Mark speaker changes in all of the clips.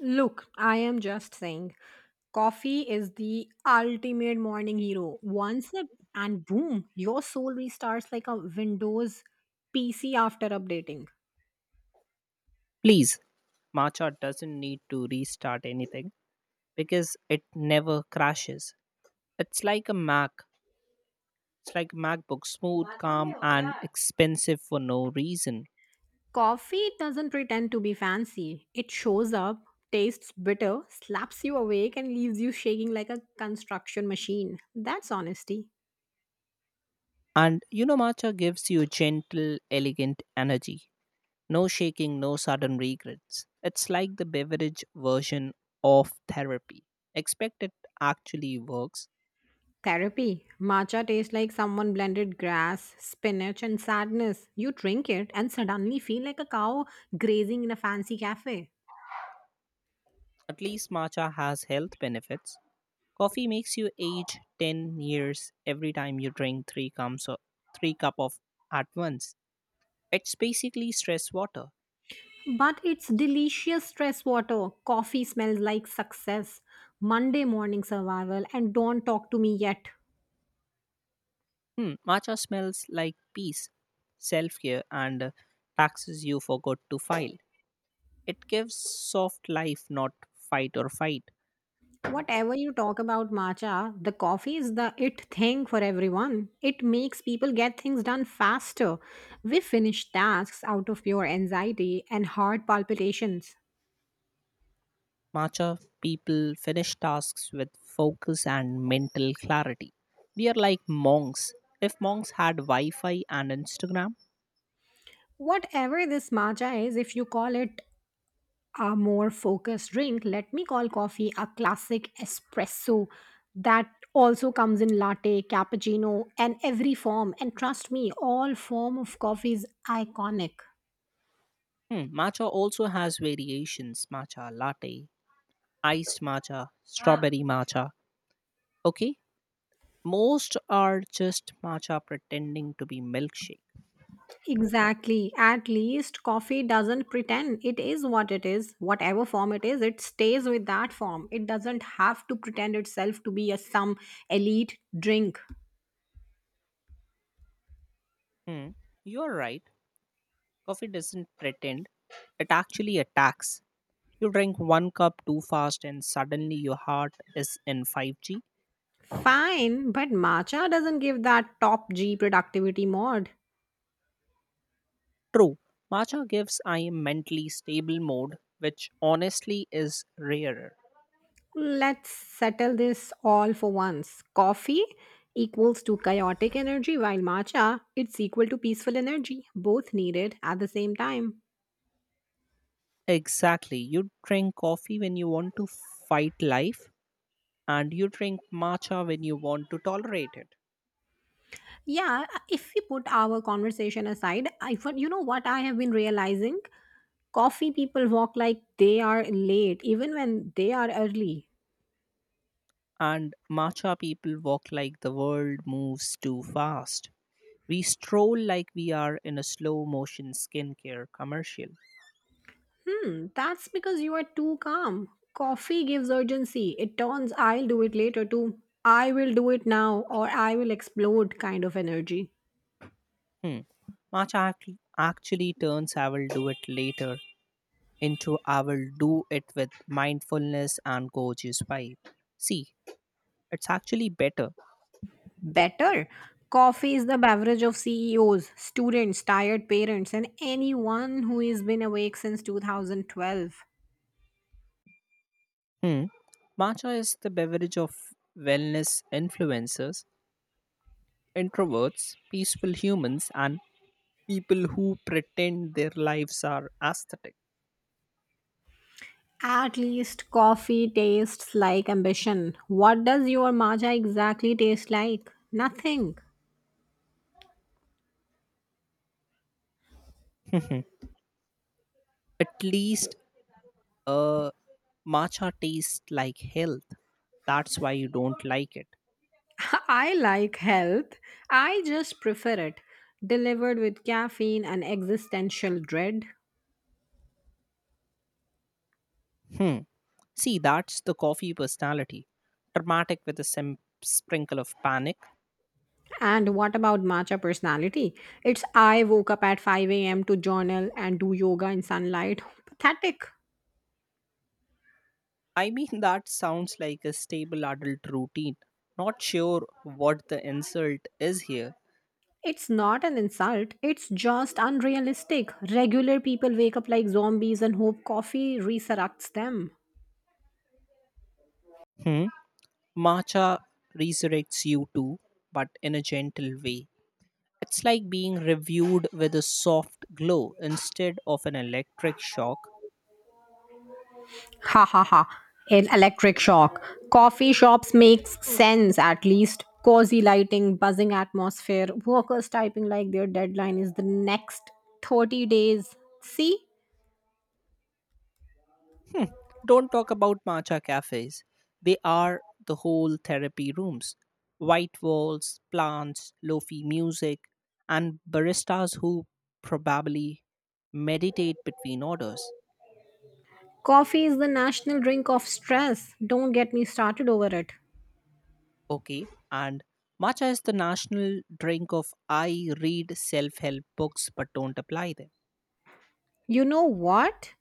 Speaker 1: Look, I am just saying, coffee is the ultimate morning hero. One sip, and boom, your soul restarts like a Windows PC after updating.
Speaker 2: Please, Matcha doesn't need to restart anything because it never crashes. It's like a Mac. It's like MacBook, smooth, calm, and expensive for no reason.
Speaker 1: Coffee doesn't pretend to be fancy, it shows up, tastes bitter, slaps you awake, and leaves you shaking like a construction machine. That's honesty.
Speaker 2: And you know, Matcha gives you gentle, elegant energy. No shaking, no sudden regrets. It's like the beverage version of therapy. Expect it actually works.
Speaker 1: Therapy. Matcha tastes like someone blended grass, spinach, and sadness. You drink it and suddenly feel like a cow grazing in a fancy cafe.
Speaker 2: At least Matcha has health benefits. Coffee makes you age 10 years every time you drink 3 cups of, 3 cup of at once. It's basically stress water.
Speaker 1: But it's delicious stress water. Coffee smells like success, Monday morning survival, and don't talk to me yet.
Speaker 2: Hmm, matcha smells like peace, self-care and taxes you forgot to file. It gives soft life, not fight or fight.
Speaker 1: Whatever you talk about matcha, the coffee is the it thing for everyone. It makes people get things done faster. We finish tasks out of pure anxiety and heart palpitations.
Speaker 2: Matcha people finish tasks with focus and mental clarity. We are like monks. If monks had Wi Fi and Instagram.
Speaker 1: Whatever this matcha is, if you call it a more focused drink, let me call coffee a classic espresso that also comes in latte, cappuccino, and every form. And trust me, all form of coffee is iconic.
Speaker 2: Hmm, matcha also has variations: matcha latte, iced matcha, strawberry matcha. Okay? Most are just matcha pretending to be milkshake.
Speaker 1: Exactly. At least coffee doesn't pretend. It is what it is. Whatever form it is, it stays with that form. It doesn't have to pretend itself to be a some elite drink.
Speaker 2: Hmm, you're right. Coffee doesn't pretend, it actually attacks. You drink one cup too fast, and suddenly your heart is in 5G.
Speaker 1: Fine, but matcha doesn't give that top G productivity mod.
Speaker 2: True, matcha gives I mentally stable mode, which honestly is rarer.
Speaker 1: Let's settle this all for once. Coffee equals to chaotic energy, while matcha it's equal to peaceful energy. Both needed at the same time.
Speaker 2: Exactly. You drink coffee when you want to fight life, and you drink matcha when you want to tolerate it.
Speaker 1: Yeah, if we put our conversation aside, you know what I have been realizing? Coffee people walk like they are late, even when they are early.
Speaker 2: And matcha people walk like the world moves too fast. We stroll like we are in a slow motion skincare commercial.
Speaker 1: Hmm, that's because you are too calm. Coffee gives urgency. It turns I'll do it later to I will do it now or I will explode kind of energy.
Speaker 2: Hmm. Matcha act- actually turns I will do it later into I will do it with mindfulness and gorgeous vibe. See, it's actually better.
Speaker 1: Better. Coffee is the beverage of CEOs, students, tired parents, and anyone who has been awake since 2012.
Speaker 2: Hmm. Matcha is the beverage of wellness influencers, introverts, peaceful humans, and people who pretend their lives are aesthetic.
Speaker 1: At least coffee tastes like ambition. What does your matcha exactly taste like? Nothing.
Speaker 2: At least uh, matcha tastes like health. That's why you don't like it.
Speaker 1: I like health. I just prefer it. Delivered with caffeine and existential dread.
Speaker 2: Hmm. See, that's the coffee personality. Dramatic with a sprinkle of panic.
Speaker 1: And what about matcha personality? It's I woke up at 5 a.m. to journal and do yoga in sunlight. Pathetic.
Speaker 2: I mean, that sounds like a stable adult routine. Not sure what the insult is here.
Speaker 1: It's not an insult, it's just unrealistic. Regular people wake up like zombies and hope coffee resurrects them.
Speaker 2: Hmm? Matcha resurrects you too, but in a gentle way. It's like being reviewed with a soft glow instead of an electric shock.
Speaker 1: Ha ha ha. An electric shock. Coffee shops makes sense at least. Cozy lighting, buzzing atmosphere, workers typing like their deadline is the next 30 days. See?
Speaker 2: Don't talk about matcha cafes. They are the whole therapy rooms. White walls, plants, lofi music, and baristas who probably meditate between orders.
Speaker 1: Coffee is the national drink of stress. Don't get me started over it.
Speaker 2: Okay, and matcha is the national drink of I read self help books but don't apply them.
Speaker 1: You know what?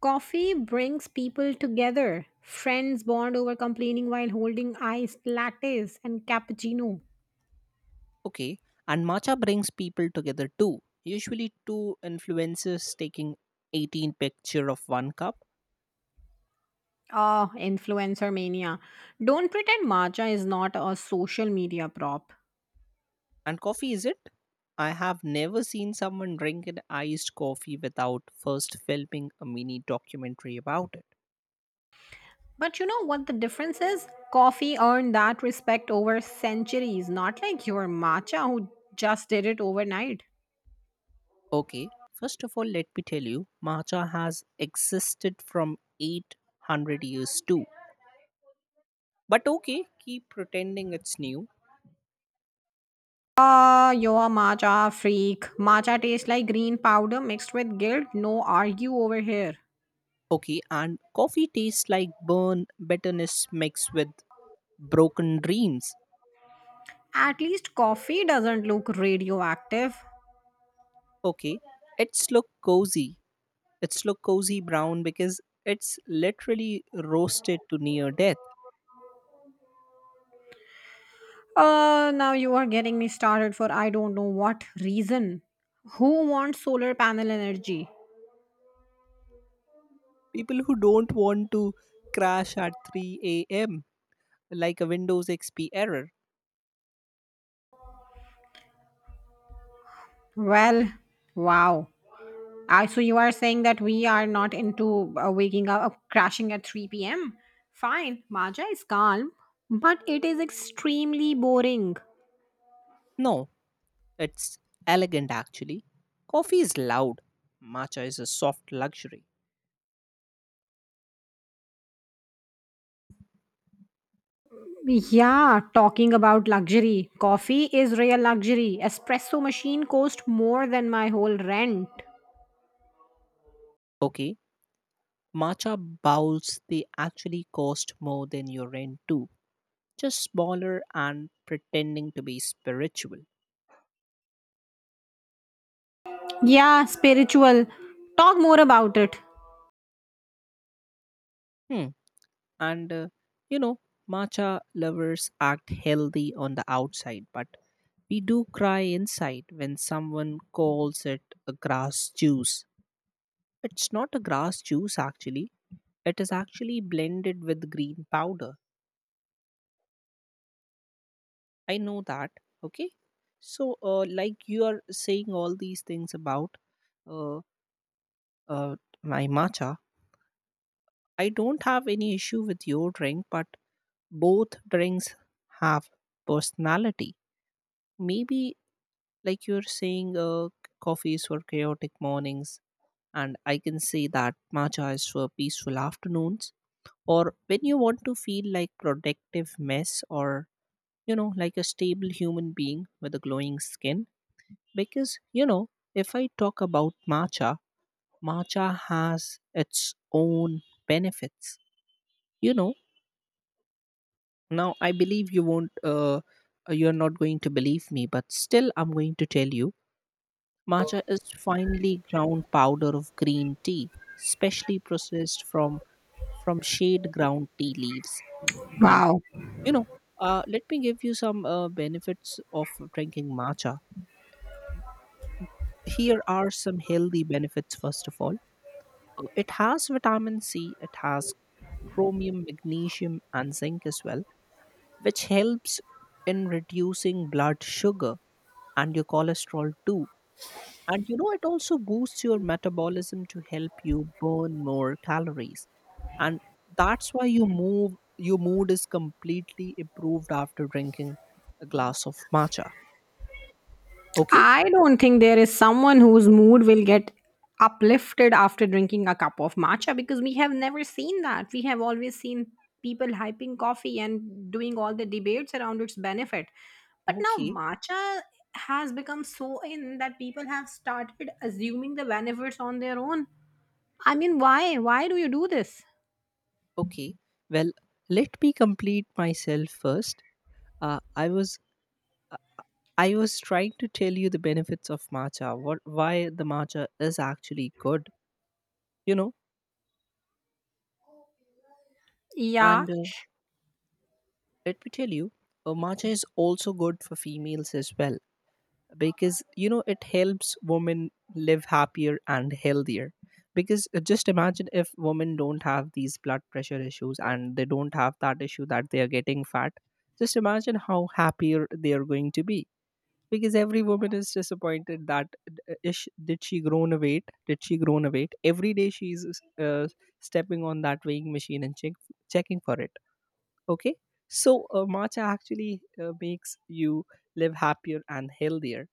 Speaker 1: Coffee brings people together. Friends bond over complaining while holding iced lattes and cappuccino.
Speaker 2: Okay, and matcha brings people together too. Usually, two influencers taking 18 picture of one cup.
Speaker 1: Ah, influencer mania. Don't pretend matcha is not a social media prop.
Speaker 2: And coffee is it? I have never seen someone drink an iced coffee without first filming a mini documentary about it.
Speaker 1: But you know what the difference is? Coffee earned that respect over centuries, not like your matcha who just did it overnight.
Speaker 2: Okay, first of all, let me tell you, matcha has existed from 800 years too. But okay, keep pretending it's new.
Speaker 1: Ah, you're a matcha freak. Matcha tastes like green powder mixed with guilt. No argue over here.
Speaker 2: Okay, and coffee tastes like burn bitterness mixed with broken dreams.
Speaker 1: At least coffee doesn't look radioactive.
Speaker 2: Okay, it's look cozy. It's look cozy brown because it's literally roasted to near death.
Speaker 1: Now you are getting me started for I don't know what reason. Who wants solar panel energy?
Speaker 2: People who don't want to crash at 3 a.m. like a Windows XP error.
Speaker 1: Well, wow. So you are saying that we are not into waking up, crashing at 3 p.m. Fine, Maja is calm, but it is extremely boring.
Speaker 2: No, it's elegant actually. Coffee is loud, matcha is a soft luxury.
Speaker 1: Yeah, talking about luxury. Coffee is real luxury. Espresso machine cost more than my whole rent.
Speaker 2: Okay, matcha bowls they actually cost more than your rent too. Just smaller and pretending to be spiritual.
Speaker 1: Yeah, spiritual. Talk more about it.
Speaker 2: Hmm. And You know, matcha lovers act healthy on the outside, but we do cry inside when someone calls it a grass juice. It's not a grass juice actually, it is actually blended with green powder. I know that, okay? So, like you are saying all these things about uh, uh, my matcha, I don't have any issue with your drink, but both drinks have personality. Maybe, like you're saying, coffee is for chaotic mornings, and I can say that matcha is for peaceful afternoons, or when you want to feel like productive mess, or you know, like a stable human being with a glowing skin, because you know, if I talk about matcha, matcha has its own benefits. You know, now I believe you won't, you're not going to believe me, but still I'm going to tell you, matcha is finely ground powder of green tea, specially processed from shade ground tea leaves. And
Speaker 1: Wow.
Speaker 2: you know, let me give you some benefits of drinking matcha. Here are some healthy benefits. First of all, it has vitamin C, it has chromium, magnesium, and zinc as well, which helps in reducing blood sugar and your cholesterol too. And you know, it also boosts your metabolism to help you burn more calories. And that's why your mood is completely improved after drinking a glass of matcha. Okay?
Speaker 1: I don't think there is someone whose mood will get uplifted after drinking a cup of matcha because we have never seen that. We have always seen people hyping coffee and doing all the debates around its benefit. But now
Speaker 2: Okay.
Speaker 1: matcha has become so in that people have started assuming the benefits on their own. I mean, why? Why do you do this?
Speaker 2: Okay. Well, let me complete myself first. Uh, I was I was trying to tell you the benefits of matcha, what why the matcha is actually good, you know.
Speaker 1: Yeah,
Speaker 2: And Let me tell you, matcha is also good for females as well, because you know, it helps women live happier and healthier, because just imagine if women don't have these blood pressure issues and they don't have that issue that they are getting fat. Just imagine how happier they are going to be, because every woman is disappointed that, did she grown a weight, did she grown a weight, every day she's, uh, stepping on that weighing machine and checking for it. Okay? So matcha actually makes you live happier and healthier.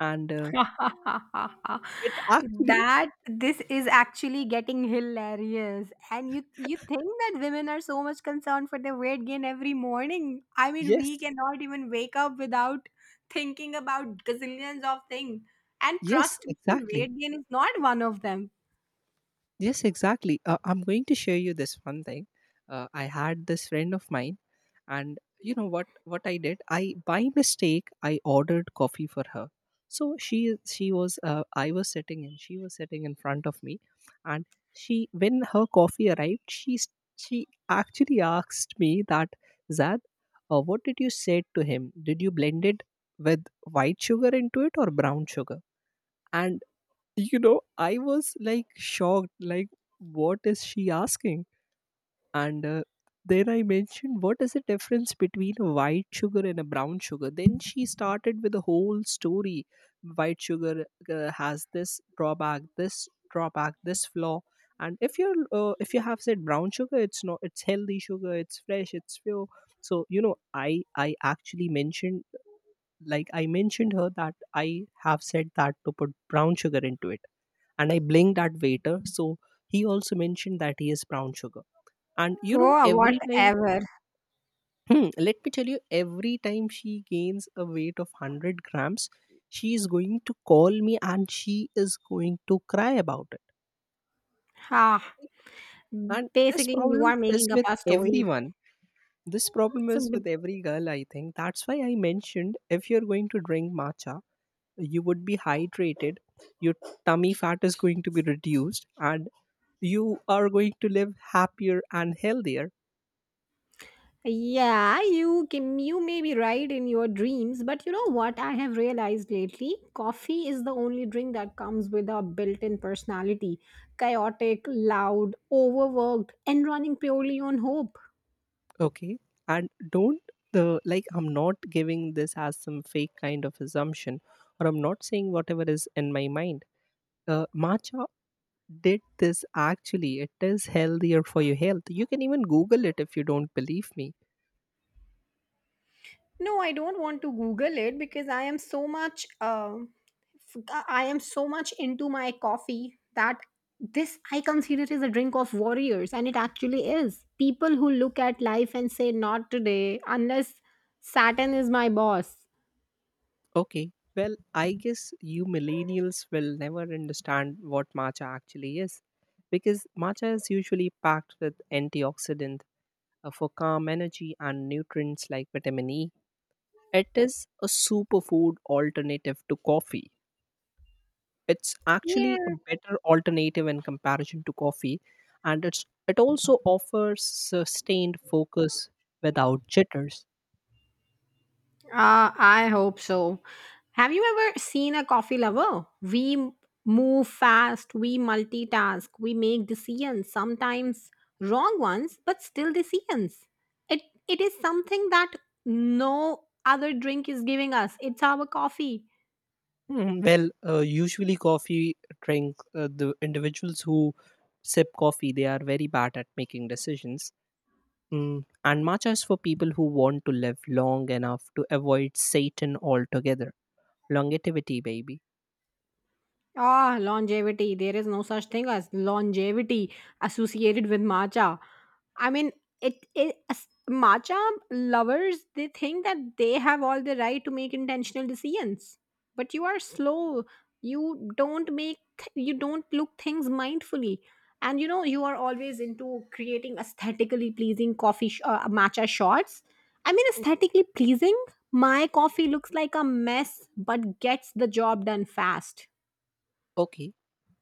Speaker 2: And it actually,
Speaker 1: that this is actually getting hilarious and you think that women are so much concerned for their weight gain every morning. I mean,
Speaker 2: yes,
Speaker 1: we cannot even wake up without thinking about gazillions of things, and
Speaker 2: yes,
Speaker 1: trust me,
Speaker 2: exactly.
Speaker 1: weight gain is not one of them.
Speaker 2: Yes, exactly. I'm going to share you this one thing. I had this friend of mine, and you know what? What I did, I by mistake I ordered coffee for her. So she was, I was sitting and she was sitting in front of me, and she when her coffee arrived, she actually asked me that, Zad, what did you say to him? Did you blend it with white sugar into it or brown sugar? And you know, I was like shocked, like what is she asking? And then I mentioned what is the difference between a white sugar and a brown sugar. Then she started with a whole story: white sugar, has this drawback, this flaw, and if you're, if you have said brown sugar, it's not it's healthy sugar, it's fresh, it's pure. So you know, i I actually mentioned, like I mentioned her that, I have said that to put brown sugar into it, and I blinked at waiter. So he also mentioned that he is brown sugar. And you know,
Speaker 1: Oh,
Speaker 2: every time,
Speaker 1: whatever.
Speaker 2: hmm, let me tell you, every time she gains a weight of 100 grams, she is going to call me and she is going to cry about it.
Speaker 1: Ah,
Speaker 2: And this
Speaker 1: basically you
Speaker 2: problem
Speaker 1: are
Speaker 2: is
Speaker 1: making up
Speaker 2: with
Speaker 1: a story.
Speaker 2: everyone. This problem
Speaker 1: So
Speaker 2: is with every girl, I think. That's why I mentioned, if you're going to drink matcha, you would be hydrated, your tummy fat is going to be reduced, and you are going to live happier and healthier.
Speaker 1: yeah, you can you may be right in your dreams, but you know what I have realized lately? Coffee is the only drink that comes with a built-in personality. Chaotic, loud, overworked, and running purely on hope.
Speaker 2: Okay, and don't, the like, I'm not giving this as some fake kind of assumption, or I'm not saying whatever is in my mind. Uh, matcha did this actually, it is healthier for your health. You can even google it if you don't believe me.
Speaker 1: No, I don't want to Google it because I am so much I am so much into my coffee that this I consider is a drink of warriors, and it actually is. People who look at life and say, "Not today," unless Saturn is my boss.
Speaker 2: Okay. Well, I guess you millennials will never understand what matcha actually is, because matcha is usually packed with antioxidant, for calm energy, and nutrients like vitamin E. It is a superfood alternative to coffee. It's
Speaker 1: Yeah.
Speaker 2: actually a better alternative in comparison to coffee, and it also offers sustained focus without jitters.
Speaker 1: I hope so. Have you ever seen a coffee lover? Move fast, we multitask, we make decisions, sometimes wrong ones, but still decisions. It it is something that no other drink is giving us. It's our coffee.
Speaker 2: Mm, well, usually coffee drink, the individuals who sip coffee, they are very bad at making decisions. Mm, and matcha is for people who want to live long enough to avoid Satan altogether. Longevity, baby.
Speaker 1: Ah, longevity. There is no such thing as longevity associated with matcha. I mean, matcha lovers they think that they have all the right to make intentional decisions, but you are slow. You don't make. You don't look things mindfully, and you know you are always into creating aesthetically pleasing matcha shots. I mean, aesthetically pleasing. My coffee looks like a mess, but gets the job done fast.
Speaker 2: Okay,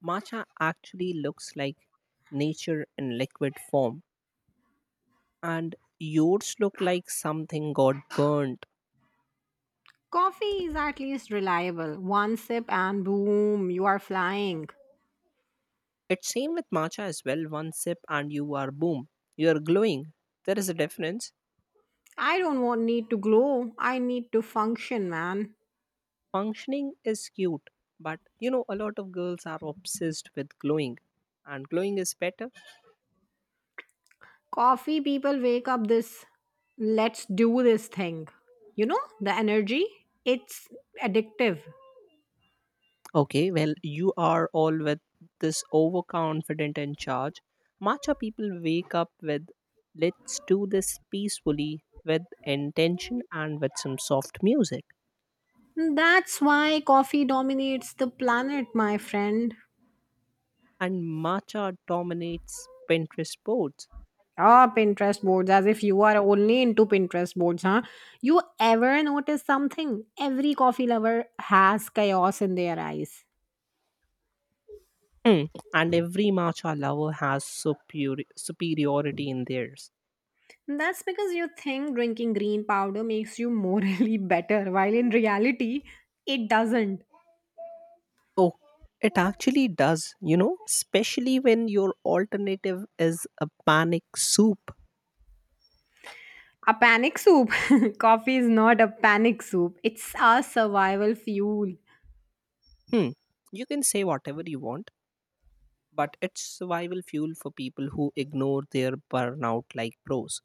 Speaker 2: matcha actually looks like nature in liquid form, and yours look like something got burnt.
Speaker 1: Coffee is at least reliable. One sip and boom, you are flying.
Speaker 2: It's same with matcha as well. One sip and you are boom. You are glowing. There is a difference.
Speaker 1: I don't want need to glow. I need to function, man.
Speaker 2: Functioning is cute, but you know, a lot of girls are obsessed with glowing, and glowing is better.
Speaker 1: Coffee people wake up this let's do this thing. You know, the energy, it's addictive.
Speaker 2: Okay, well, you are all with this overconfident in charge. Matcha people wake up with let's do this peacefully, with intention and with some soft music.
Speaker 1: That's why coffee dominates the planet, my friend.
Speaker 2: And matcha dominates pinterest boards.
Speaker 1: Ah, Pinterest boards, as if you are only into Pinterest boards, huh? You ever notice something? Every coffee lover has chaos in their eyes.
Speaker 2: Hmm, and every matcha lover has superiority in theirs.
Speaker 1: That's because you think drinking green powder makes you morally better, while in reality, it doesn't.
Speaker 2: Oh, it actually does, you know, especially when your alternative is a panic soup.
Speaker 1: A panic soup. Coffee is not a panic soup, it's a survival fuel.
Speaker 2: Hmm. You can say whatever you want, but it's survival fuel for people who ignore their burnout like pros.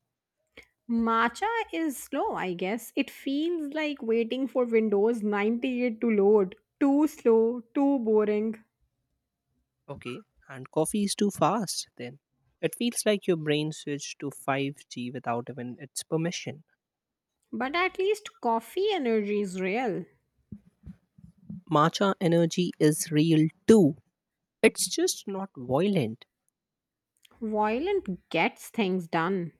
Speaker 1: Matcha is slow, I guess. It feels like waiting for Windows 98 to load. Too slow, too boring.
Speaker 2: Okay. And coffee is too fast then. It feels like your brain switched to 5G without even its permission.
Speaker 1: But at least coffee energy is real.
Speaker 2: Matcha energy is real too. It's just not violent.
Speaker 1: Violent gets things done.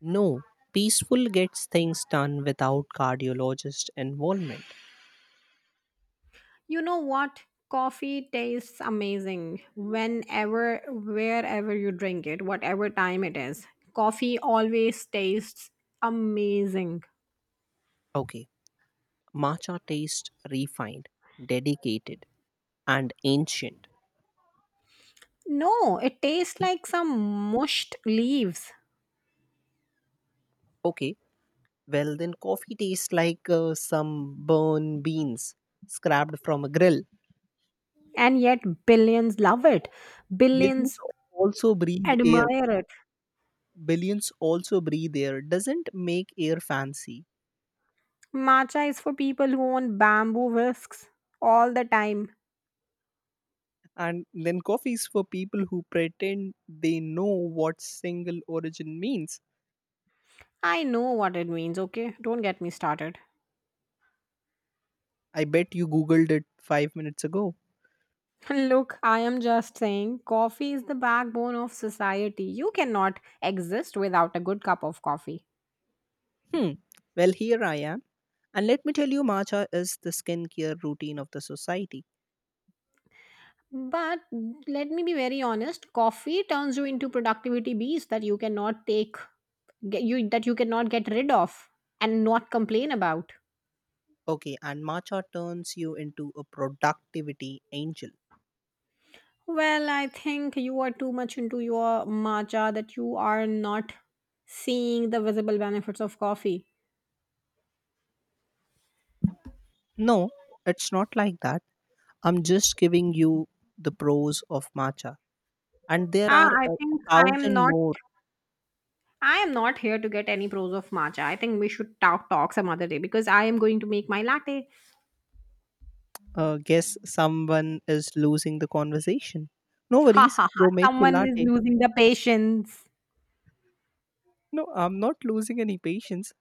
Speaker 2: No, peaceful gets things done without cardiologist involvement.
Speaker 1: You know what? Coffee tastes amazing whenever, wherever you drink it, whatever time it is. Coffee always tastes amazing.
Speaker 2: Okay, matcha tastes refined, dedicated, and ancient.
Speaker 1: No, it tastes like some mushed leaves,
Speaker 2: Okay, well, then coffee tastes like some burn beans scrapped from a grill.
Speaker 1: and yet billions love it.
Speaker 2: Billions
Speaker 1: Billions
Speaker 2: also breathe air.
Speaker 1: admire it.
Speaker 2: Billions also breathe air. Doesn't make air fancy.
Speaker 1: Matcha is for people who want bamboo whisks all the time.
Speaker 2: And then coffee is for people who pretend they know what single origin means.
Speaker 1: I know what it means, okay? Don't get me started.
Speaker 2: I bet you googled it 5 minutes ago.
Speaker 1: Look, I am just saying, coffee is the backbone of society. You cannot exist without a good cup of coffee.
Speaker 2: Hmm. Well, here I am. And let me tell you, matcha is the skincare routine of the society.
Speaker 1: But let me be very honest, coffee turns you into productivity beast that you cannot take get you that you cannot get rid of and not complain about.
Speaker 2: Okay, and matcha turns you into a productivity angel.
Speaker 1: Well, I think you are too much into your matcha that you are not seeing the visible benefits of coffee.
Speaker 2: No, it's not like that. I'm just giving you the pros of matcha. And there
Speaker 1: Ah,
Speaker 2: are
Speaker 1: I
Speaker 2: a
Speaker 1: think I am
Speaker 2: thousand
Speaker 1: not
Speaker 2: more.
Speaker 1: I am not here to get any pros of matcha. I think we should talk some other day because I am going to make my latte.
Speaker 2: Guess someone is losing the conversation. No
Speaker 1: Ha
Speaker 2: worries,
Speaker 1: ha ha!
Speaker 2: go make your
Speaker 1: Someone is
Speaker 2: latte.
Speaker 1: losing the patience.
Speaker 2: No, I'm not losing any patience.